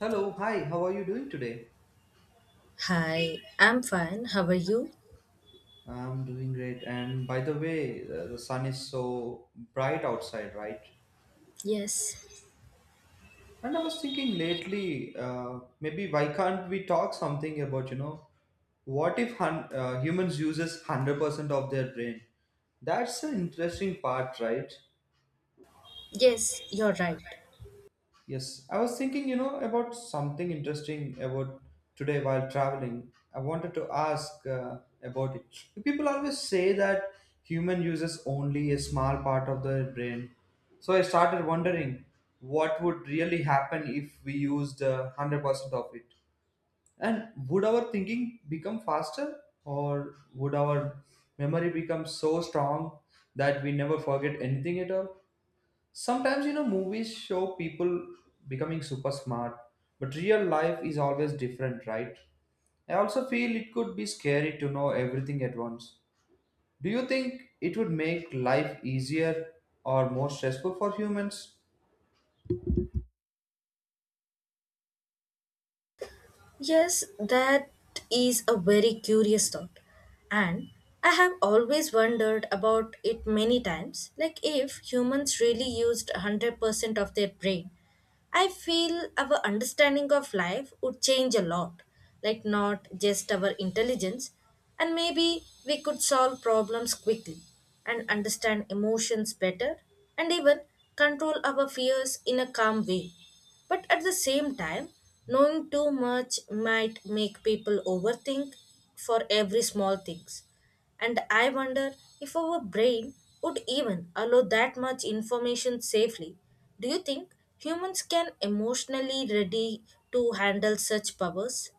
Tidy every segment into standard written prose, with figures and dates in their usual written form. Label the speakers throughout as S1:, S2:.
S1: Hello, hi, how are you doing today?
S2: Hi, I'm fine. How are you?
S1: I'm doing great. And by the way, the sun is so bright outside, right?
S2: Yes,
S1: And I was thinking lately, maybe why can't we talk something about, you know, what if humans uses 100% of their brain? That's an interesting part, right?
S2: yes, you're right.
S1: Yes, I was thinking, you know, about something interesting about today while traveling. I wanted to ask about it. People always say that human uses only a small part of their brain. So I started wondering what would really happen if we used 100% of it. And would our thinking become faster or would our memory become so strong that we never forget anything at all? Sometimes, you know, movies show people becoming super smart, but real life is always different, right? I also feel it could be scary to know everything at once. Do you think it would make life easier or more stressful for humans?
S2: Yes, that is a very curious thought. And I have always wondered about it many times, like if humans really used 100% of their brain. I feel our understanding of life would change a lot, like not just our intelligence, and maybe we could solve problems quickly and understand emotions better and even control our fears in a calm way. But at the same time, knowing too much might make people overthink for every small things. And I wonder if our brain would even allow that much information safely. Do you think humans can emotionally ready to handle such powers?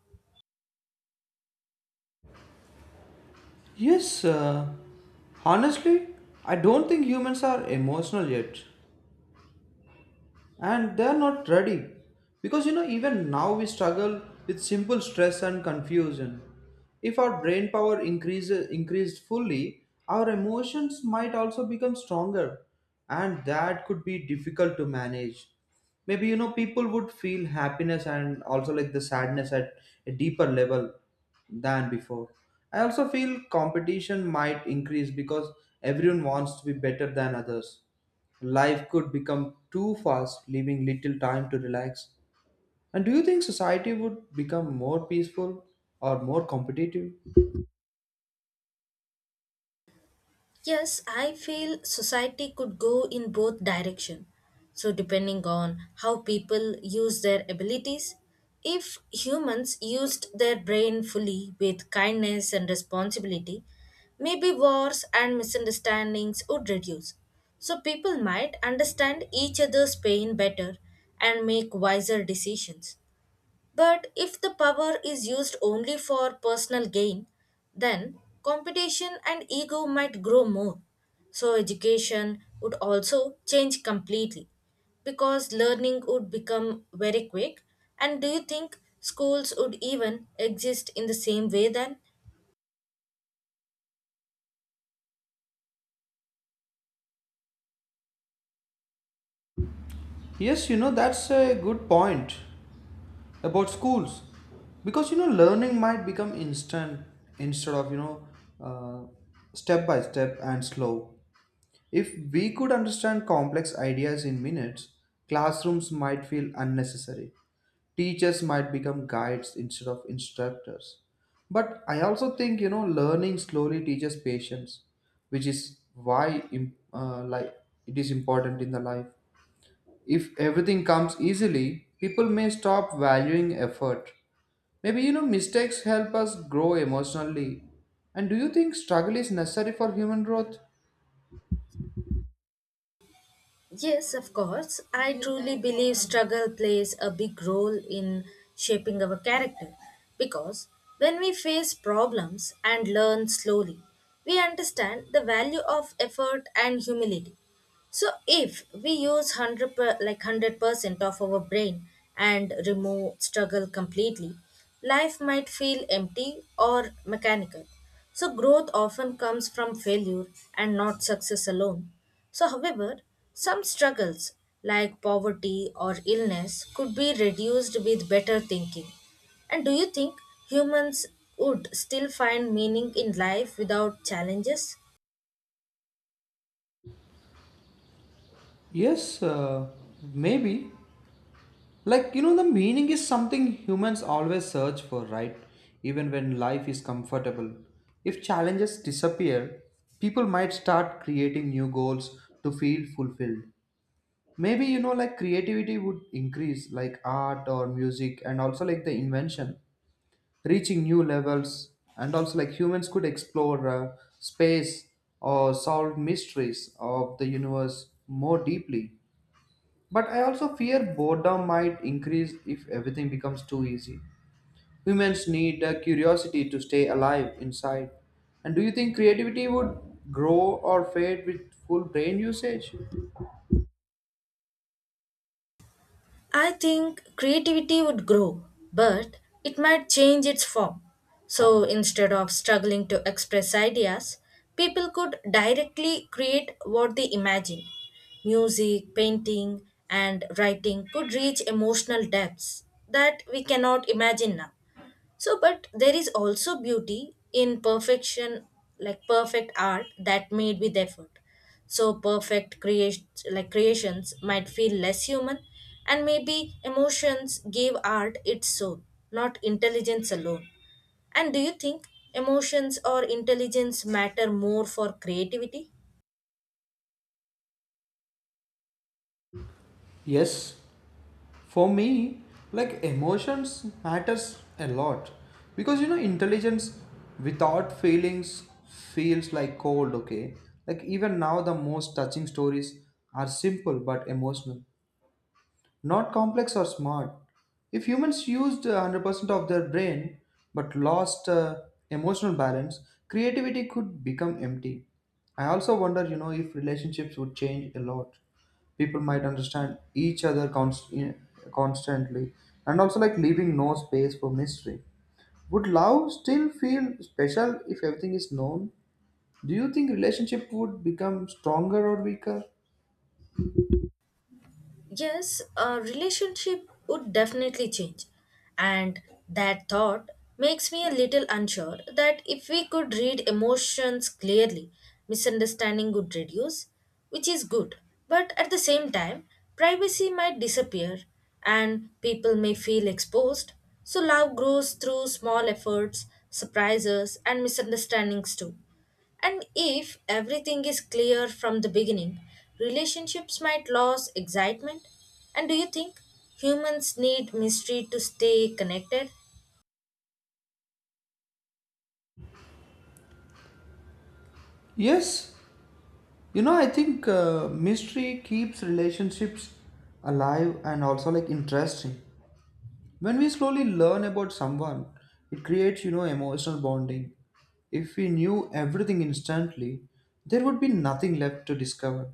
S1: Yes, honestly, I don't think humans are emotional yet, and they're not ready because, you know, even now we struggle with simple stress and confusion. If our brain power increases increased fully, our emotions might also become stronger, and that could be difficult to manage. Maybe, you know, people would feel happiness and also like the sadness at a deeper level than before. I also feel competition might increase because everyone wants to be better than others. Life could become too fast, leaving little time to relax. And do you think society would become more peaceful or more competitive?
S2: Yes, I feel society could go in both direction. So depending on how people use their abilities, if humans used their brain fully with kindness and responsibility, maybe wars and misunderstandings would reduce. So people might understand each other's pain better and make wiser decisions. But if the power is used only for personal gain, then competition and ego might grow more. So, education would also change completely because learning would become very quick. And do you think schools would even exist in the same way then?
S1: Yes, you know, that's a good point about schools. Because, you know, learning might become instant instead of, you know, uh, step by step and slow. If we could understand complex ideas in minutes, classrooms might feel unnecessary. Teachers might become guides instead of instructors. But I also think, you know, learning slowly teaches patience, which is why like it is important in the life. If everything comes easily, people may stop valuing effort. Maybe, you know, mistakes help us grow emotionally. And do you think struggle is necessary for human growth?
S2: Yes, of course. I truly believe struggle plays a big role in shaping our character because when we face problems and learn slowly, we understand the value of effort and humility. So if we use 100 per, like 100% of our brain and remove struggle completely, life might feel empty or mechanical. So growth often comes from failure and not success alone. So however, some struggles like poverty or illness could be reduced with better thinking. And do you think humans would still find meaning in life without challenges?
S1: Yes, maybe. Like, you know, the meaning is something humans always search for, right? Even when life is comfortable. If challenges disappear, people might start creating new goals to feel fulfilled. Maybe, you know, like creativity would increase, like art or music, and also like the invention, reaching new levels. And also, like humans could explore space or solve mysteries of the universe more deeply. But I also fear boredom might increase if everything becomes too easy. Humans need a curiosity to stay alive inside. And do you think creativity would grow or fade with full brain usage?
S2: I think creativity would grow, but it might change its form. So instead of struggling to express ideas, people could directly create what they imagine. Music, painting, and writing could reach emotional depths that we cannot imagine now. So, but there is also beauty in perfection, like perfect art that made with effort. So, perfect creations, might feel less human, and maybe emotions gave art its soul, not intelligence alone. And do you think emotions or intelligence matter more for creativity?
S1: Yes, for me, like emotions matters a lot because, you know, intelligence without feelings feels like cold. Okay, like even now the most touching stories are simple but emotional. Not complex or smart. If humans used 100% of their brain but lost emotional balance, creativity could become empty. I also wonder, you know, if relationships would change a lot. People might understand each other constantly and also like leaving no space for mystery. Would love still feel special if everything is known? Do you think relationship would become stronger or weaker?
S2: Yes, a relationship would definitely change. And that thought makes me a little unsure that if we could read emotions clearly, misunderstanding would reduce, which is good. But at the same time, privacy might disappear and people may feel exposed. So love grows through small efforts, surprises, and misunderstandings too. And if everything is clear from the beginning, relationships might lose excitement. And do you think humans need mystery to stay connected?
S1: Yes, you know, I think mystery keeps relationships alive and also like interesting. When we slowly learn about someone, it creates, you know, emotional bonding. If we knew everything instantly, there would be nothing left to discover.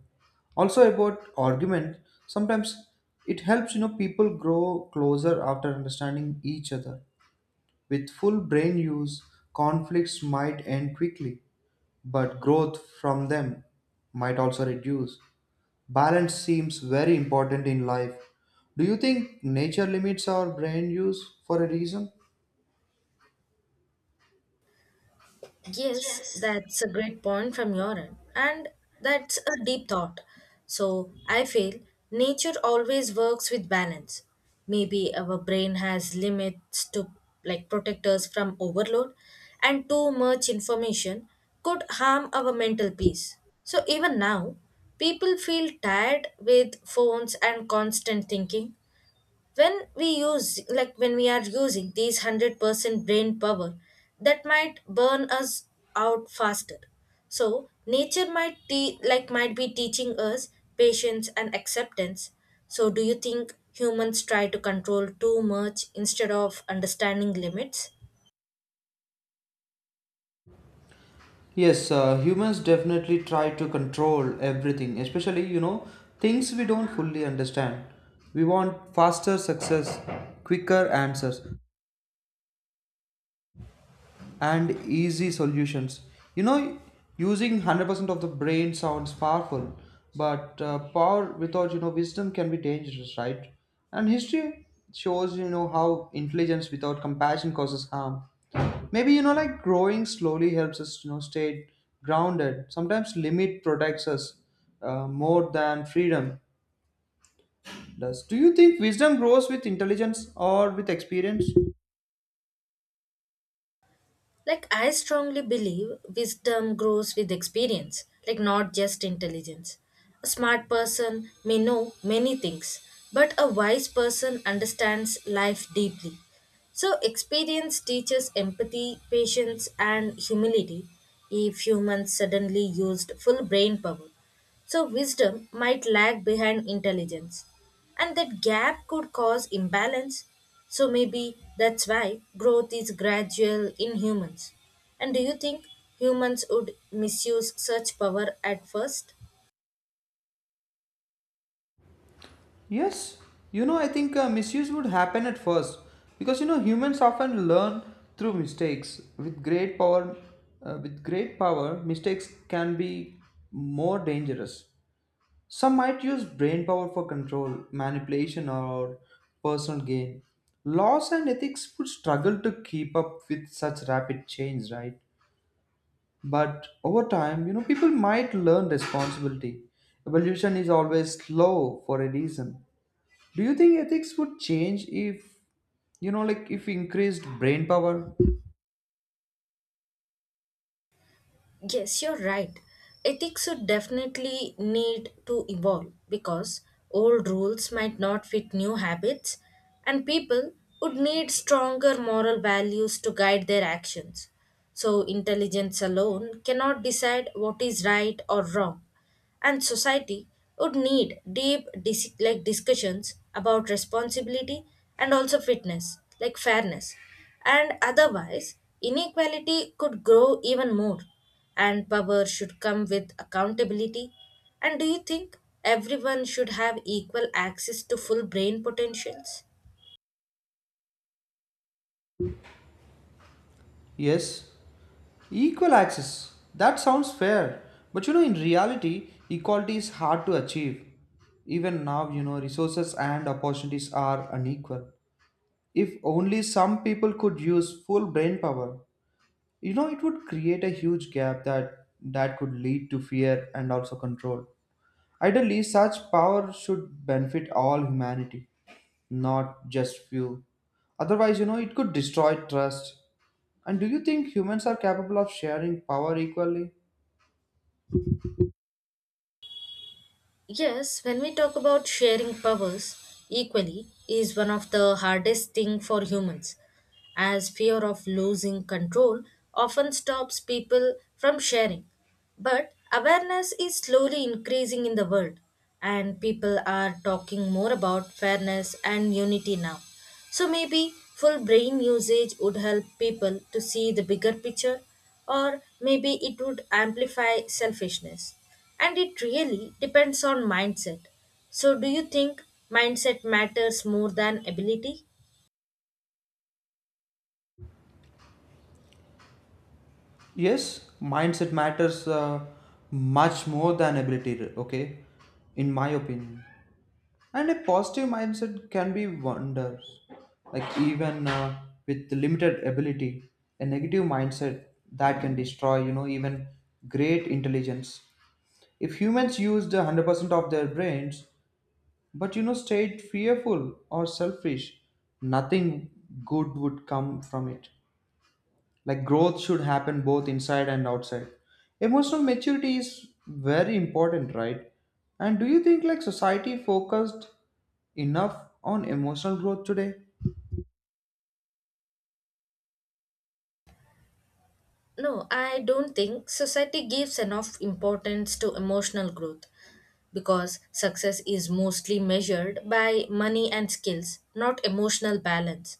S1: Also about argument, sometimes it helps, you know, people grow closer after understanding each other. With full brain use, conflicts might end quickly, but growth from them might also reduce. Balance seems very important in life. Do you think nature limits our brain use for a reason?
S2: Yes, that's a great point from your end, and that's a deep thought. So, I feel nature always works with balance. Maybe our brain has limits to like protect us from overload, and too much information could harm our mental peace. So, even now, people feel tired with phones and constant thinking when we use like when we are using these 100% brain power that might burn us out faster. So nature might might be teaching us patience and acceptance. So do you think humans try to control too much instead of understanding limits?
S1: Yes, humans definitely try to control everything, especially, you know, things we don't fully understand. We want faster success, quicker answers, and easy solutions. You know, using 100% of the brain sounds powerful, but power without, you know, wisdom can be dangerous, right? And history shows, you know, how intelligence without compassion causes harm. Maybe, you know, like growing slowly helps us, you know, stay grounded. Sometimes limit protects us more than freedom does. Do you think wisdom grows with intelligence or with experience?
S2: Like, I strongly believe wisdom grows with experience, like, not just intelligence. A smart person may know many things, but a wise person understands life deeply. So, experience teaches empathy, patience, and humility if humans suddenly used full brain power. So, wisdom might lag behind intelligence, and that gap could cause imbalance. So, maybe that's why growth is gradual in humans. And do you think humans would misuse such power at first?
S1: Yes, you know, I think misuse would happen at first because, you know, humans often learn through mistakes. With great power, mistakes can be more dangerous. Some might use brain power for control, manipulation, or personal gain. Laws and ethics would struggle to keep up with such rapid change, right? But over time, you know, people might learn responsibility. Evolution is always slow for a reason. Do you think ethics would change if, you know, like if increased brain power?
S2: Yes, you're right. Ethics would definitely need to evolve because old rules might not fit new habits, and people would need stronger moral values to guide their actions. So, intelligence alone cannot decide what is right or wrong and society would need deep discussions about responsibility and also fitness like fairness, and otherwise inequality could grow even more, and power should come with accountability. And do you think everyone should have equal access to full brain potentials?
S1: Yes, equal access. That sounds fair. But you know, in reality, equality is hard to achieve. Even now, you know, resources and opportunities are unequal. If only some people could use full brain power, you know, it would create a huge gap that could lead to fear and also control. Ideally, such power should benefit all humanity, not just few. Otherwise, you know, it could destroy trust. And do you think humans are capable of sharing power equally?
S2: Yes, when we talk about sharing powers, equally is one of the hardest thing for humans, as fear of losing control often stops people from sharing. But awareness is slowly increasing in the world, and people are talking more about fairness and unity now. So maybe full brain usage would help people to see the bigger picture, or maybe it would amplify selfishness. And it really depends on mindset. So, do you think mindset matters more than ability?
S1: Yes, mindset matters much more than ability, okay? In my opinion. And a positive mindset can be wonders. Like, even with limited ability, a negative mindset that can destroy, you know, even great intelligence. If humans used 100% of their brains, but you know, stayed fearful or selfish, nothing good would come from it. Like growth should happen both inside and outside. Emotional maturity is very important, right? And do you think like society focused enough on emotional growth today?
S2: No, I don't think society gives enough importance to emotional growth, because success is mostly measured by money and skills, not emotional balance.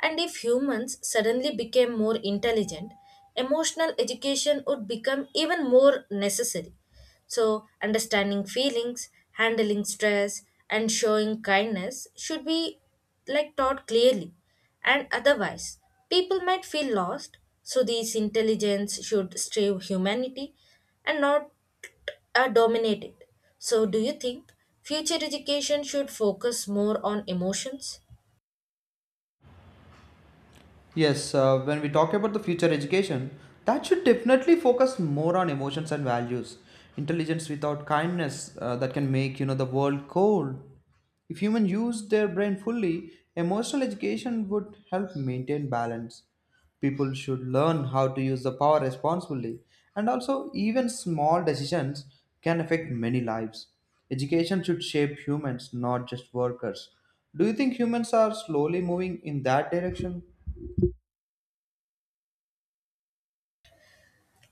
S2: And if humans suddenly became more intelligent, emotional education would become even more necessary. So, understanding feelings, handling stress, and showing kindness should be like taught clearly. And otherwise, people might feel lost. So, this intelligence should strive humanity and not are dominated. So, do you think future education should focus more on emotions?
S1: Yes, when we talk about the future education, that should definitely focus more on emotions and values. Intelligence without kindness that can make you know the world cold. If humans use their brain fully, emotional education would help maintain balance. People should learn how to use the power responsibly, and also even small decisions can affect many lives. Education should shape humans, not just workers. Do you think humans are slowly moving in that direction?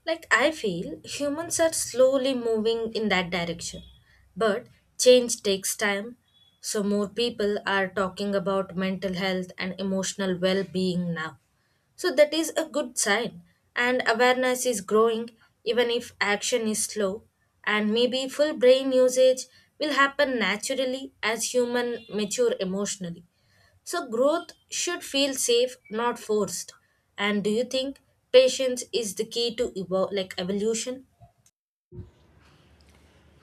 S2: Like, I feel humans are slowly moving in that direction, but change takes time. So, more people are talking about mental health and emotional well being now. So, that is a good sign, and awareness is growing even if action is slow. And maybe full brain usage will happen naturally as human mature emotionally. So growth should feel safe, not forced. And do you think patience is the key to evolution?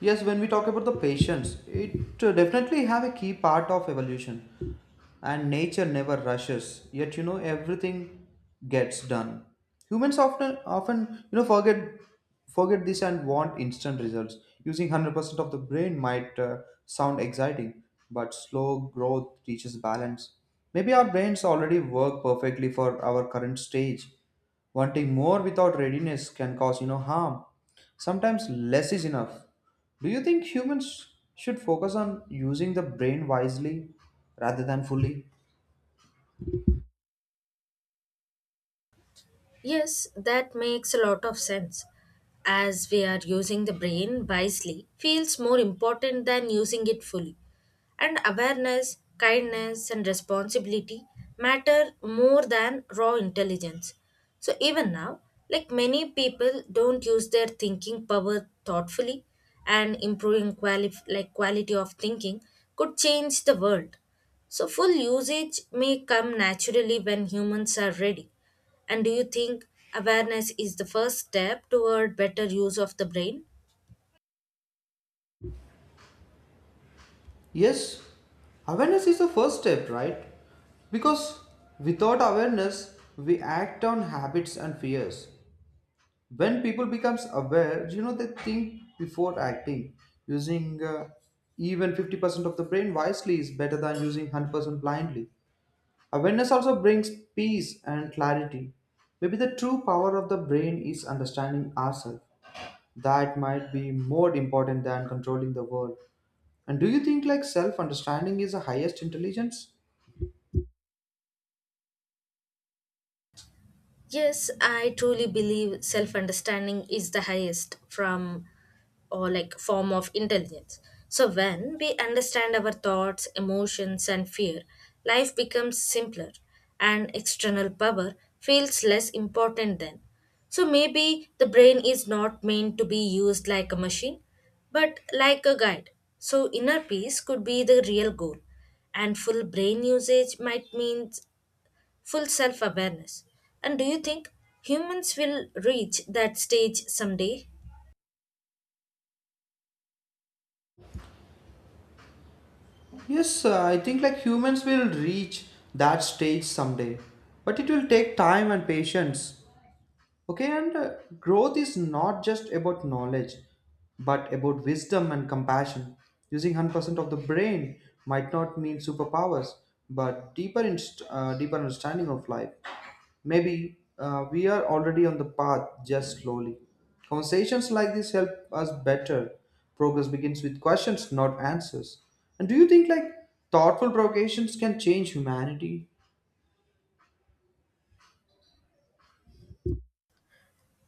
S1: Yes, when we talk about the patience, it definitely have a key part of evolution. And nature never rushes, yet you know everything gets done. Humans often you know forget this and want instant results. Using 100% of the brain might sound exciting, but slow growth teaches balance. Maybe our brains already work perfectly for our current stage. Wanting more without readiness can cause, you know, harm. Sometimes less is enough. Do you think humans should focus on using the brain wisely rather than fully?
S2: Yes, that makes a lot of sense. As we are using the brain wisely, feels more important than using it fully. And awareness, kindness, and responsibility matter more than raw intelligence. So, even now, like many people don't use their thinking power thoughtfully, and improving quality of thinking could change the world. So, full usage may come naturally when humans are ready. And do you think awareness is the first step toward better use of the brain?
S1: Yes, awareness is the first step, right? Because without awareness, we act on habits and fears. When people becomes aware, you know, they think before acting. Using even 50% of the brain wisely is better than using 100% blindly. Awareness also brings peace and clarity. Maybe the true power of the brain is understanding ourselves. That might be more important than controlling the world. And do you think like self-understanding is the highest intelligence?
S2: Yes, I truly believe self understanding is the highest from or like form of intelligence. So when we understand our thoughts, emotions and fear, life becomes simpler and external power feels less important then. So maybe the brain is not meant to be used like a machine, but like a guide. So inner peace could be the real goal, and full brain usage might mean full self awareness. And do you think humans will reach that stage someday?
S1: Yes, I think like humans will reach that stage someday. But it will take time and patience. Okay, and growth is not just about knowledge, but about wisdom and compassion. Using 100% of the brain might not mean superpowers, but deeper understanding of life. Maybe we are already on the path, just slowly. Conversations like this help us better. Progress begins with questions, not answers. And do you think like thoughtful provocations can change humanity?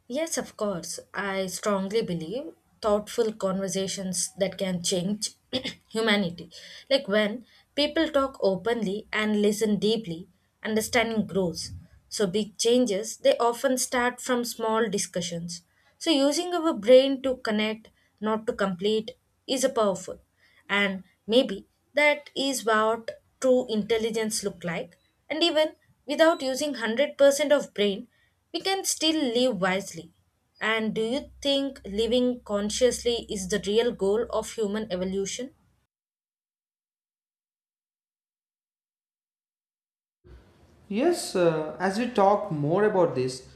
S2: Yes, of course. I strongly believe thoughtful conversations that can change humanity. Like when people talk openly and listen deeply, understanding grows. So, big changes they often start from small discussions. So, using our brain to connect, not to complete, is a powerful. And maybe that is what true intelligence look like, and even without using 100% of brain we can still live wisely. And do you think living consciously is the real goal of human evolution?
S1: Yes, as we talk more about this,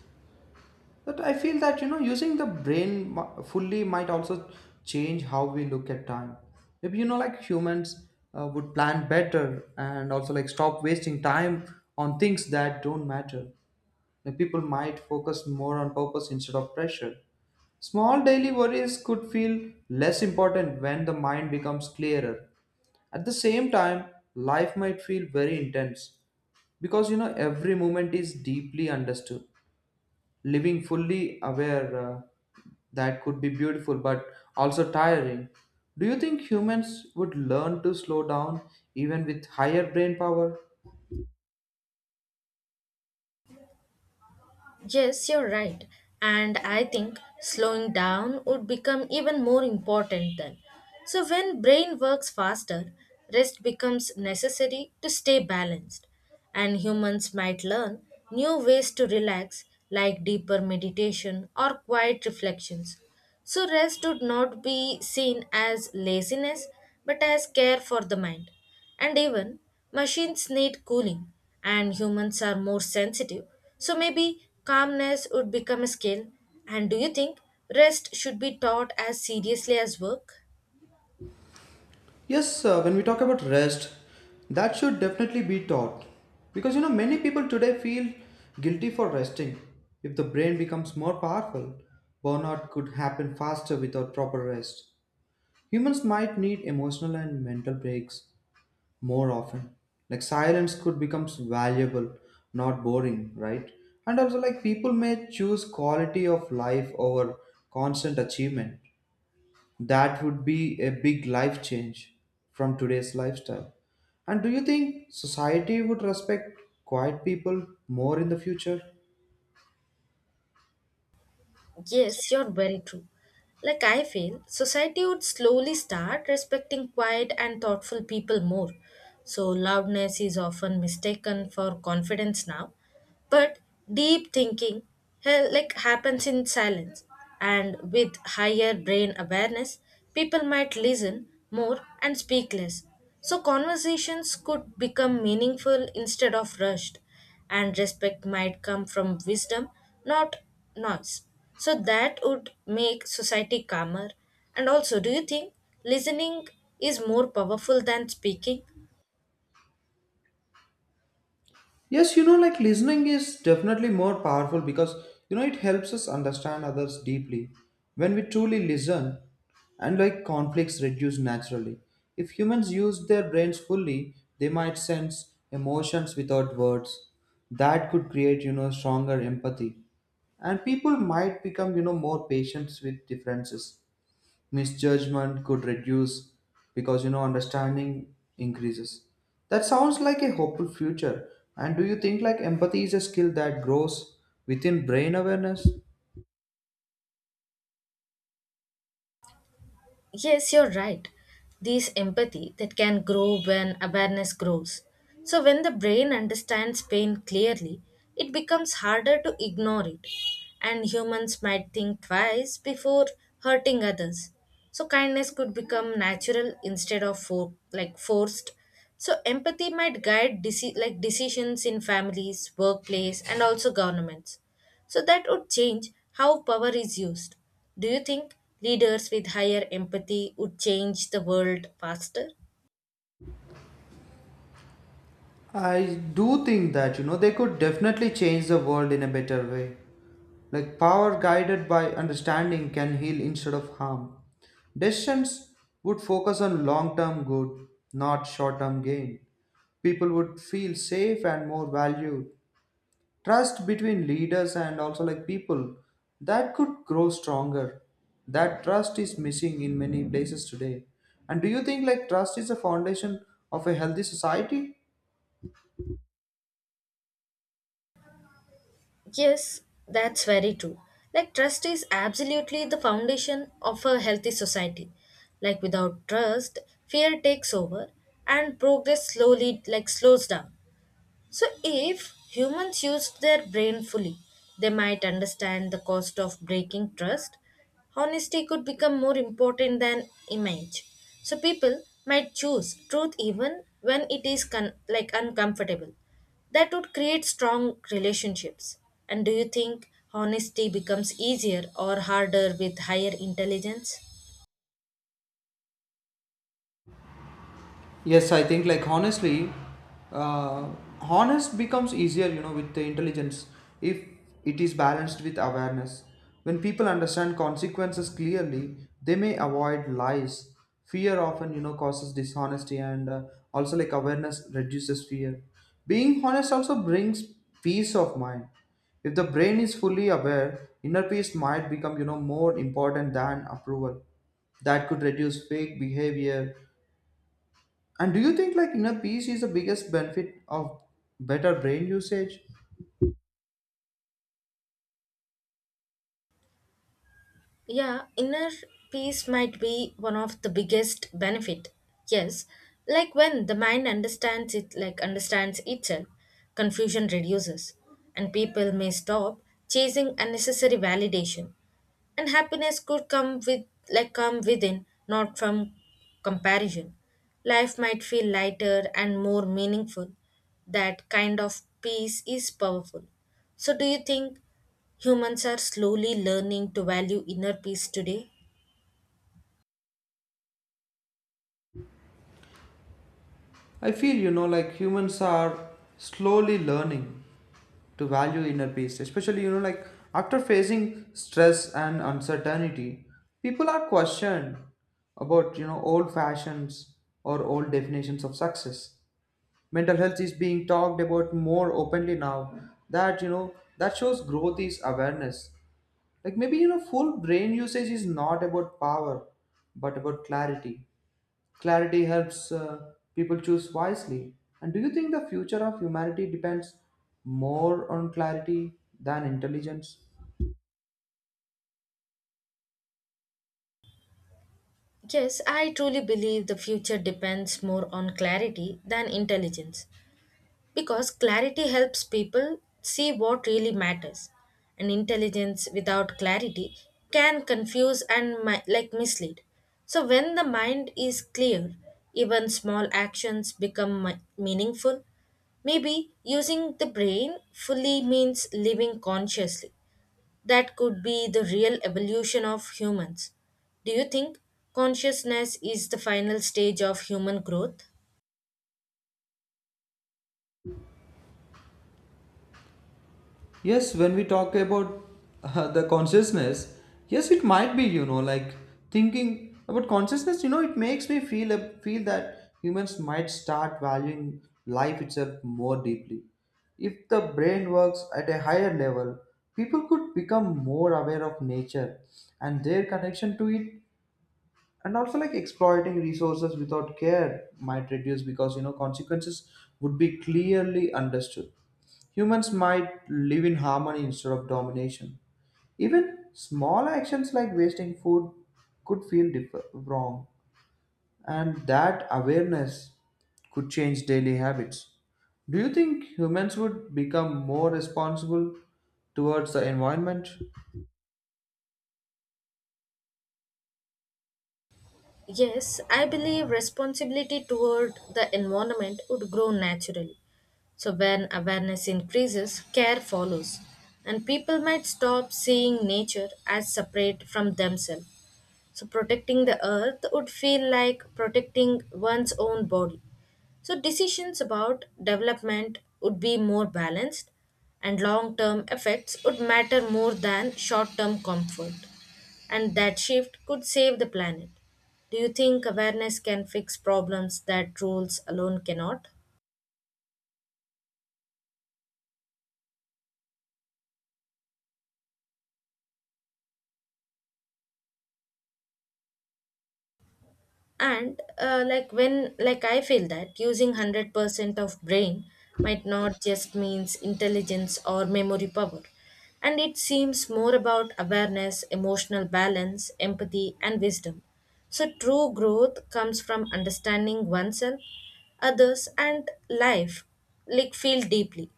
S1: but I feel that you know using the brain fully might also change how we look at time. Maybe you know like humans would plan better and also like stop wasting time on things that don't matter. Like people might focus more on purpose instead of pressure. Small daily worries could feel less important when the mind becomes clearer. At the same time, life might feel very intense because you know every moment is deeply understood, living fully aware that could be beautiful but also tiring. Do you think humans would learn to slow down even with higher brain power?
S2: Yes, you're right. And I think slowing down would become even more important then. So when brain works faster, rest becomes necessary to stay balanced. And humans might learn new ways to relax like deeper meditation or quiet reflections. So, rest would not be seen as laziness but as care for the mind. And even machines need cooling, and humans are more sensitive. So, maybe calmness would become a skill. And do you think rest should be taught as seriously as work?
S1: Yes, when we talk about rest, that should definitely be taught. Because you know, many people today feel guilty for resting. If the brain becomes more powerful, burnout could happen faster without proper rest. Humans might need emotional and mental breaks more often. Like silence could become valuable, not boring, right? And also like people may choose quality of life over constant achievement. That would be a big life change from today's lifestyle. And do you think society would respect quiet people more in the future?
S2: Yes, you're very true. Like I feel, society would slowly start respecting quiet and thoughtful people more. So, loudness is often mistaken for confidence now, but deep thinking hell, like happens in silence, and with higher brain awareness people might listen more and speak less. So conversations could become meaningful instead of rushed, and respect might come from wisdom, not noise. So that would make society calmer. And also do you think listening is more powerful than speaking?
S1: Yes, you know, like listening is definitely more powerful because you know it helps us understand others deeply. When we truly listen, and like conflicts reduce naturally. If humans use their brains fully, they might sense emotions without words. That could create, you know, stronger empathy. And people might become, you know, more patient with differences. Misjudgment could reduce because you know understanding increases. That sounds like a hopeful future. And do you think like empathy is a skill that grows within brain awareness?
S2: Yes, you're right. This empathy that can grow when awareness grows. So, when the brain understands pain clearly, it becomes harder to ignore it. And humans might think twice before hurting others. So, kindness could become natural instead of forced. So, empathy might guide decisions in families, workplace, and also governments. So that would change how power is used. Do you think leaders with higher empathy would change the world faster?
S1: I do think that you know they could definitely change the world in a better way. Like power guided by understanding can heal instead of harm. Decisions would focus on long term good, not short term gain. People would feel safe and more valued. Trust between leaders and also like people, that could grow stronger. That trust is missing in many places today. And do you think like trust is the foundation of a healthy society?
S2: Yes, that's very true. Like, trust is absolutely the foundation of a healthy society. Like, without trust, fear takes over and progress slows down. So, if humans used their brain fully, they might understand the cost of breaking trust. Honesty could become more important than image. So, people might choose truth even when it is uncomfortable. That would create strong relationships. And do you think honesty becomes easier or harder with higher intelligence?
S1: Yes, I think like honestly, uh, honest becomes easier, you know, with the intelligence if it is balanced with awareness. When people understand consequences clearly, they may avoid lies. Fear often, you know, causes dishonesty, and also like awareness reduces fear. Being honest also brings peace of mind. If the brain is fully aware, inner peace might become, you know, more important than approval. That could reduce fake behavior. And do you think like inner peace is the biggest benefit of better brain usage?
S2: Yeah, inner peace might be one of the biggest benefit. Yes, like when the mind understands it, like understands itself, confusion reduces, and people may stop chasing unnecessary validation, and happiness could come within, not from comparison. Life might feel lighter and more meaningful. That kind of peace is powerful. So do you think humans are slowly learning to value inner peace today?
S1: I feel you know like humans are slowly learning to value inner peace, especially you know like after facing stress and uncertainty. People are questioned about you know old fashions or old definitions of success. Mental health is being talked about more openly now. That you know that shows growth is awareness. Like maybe you know, full brain usage is not about power, but about clarity. Clarity helps people choose wisely. And do you think the future of humanity depends more on clarity than intelligence?
S2: Yes, I truly believe the future depends more on clarity than intelligence. Because clarity helps people see what really matters. And intelligence without clarity can confuse and mislead. So when the mind is clear, even small actions become meaningful. Maybe using the brain fully means living consciously. That could be the real evolution of humans. Do you think consciousness is the final stage of human growth?
S1: Yes, when we talk about the consciousness, yes, it might be, you know, like thinking about consciousness, you know, it makes me feel that humans might start valuing life itself more deeply. If the brain works at a higher level, people could become more aware of nature and their connection to it, and also like exploiting resources without care might reduce because you know consequences would be clearly understood. Humans might live in harmony instead of domination. Even small actions like wasting food could feel wrong, and that awareness could change daily habits. Do you think humans would become more responsible towards the environment?
S2: Yes, I believe responsibility toward the environment would grow naturally. So, when awareness increases, care follows, and people might stop seeing nature as separate from themselves. So, protecting the earth would feel like protecting one's own body. So, decisions about development would be more balanced, and long term effects would matter more than short term comfort. And that shift could save the planet. Do you think awareness can fix problems that rules alone cannot? And like when like I feel that using 100% of brain might not just means intelligence or memory power, and it seems more about awareness, emotional balance, empathy and wisdom. So true growth comes from understanding oneself, others and life, like feel deeply.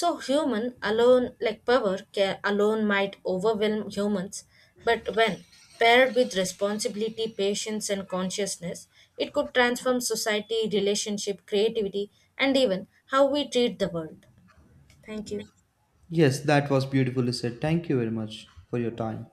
S2: So human alone like power can alone might overwhelm humans, but when paired with responsibility, patience and consciousness, it could transform society, relationship, creativity and even how we treat the world. Thank you.
S1: Yes, that was beautifully said. Thank you very much for your time.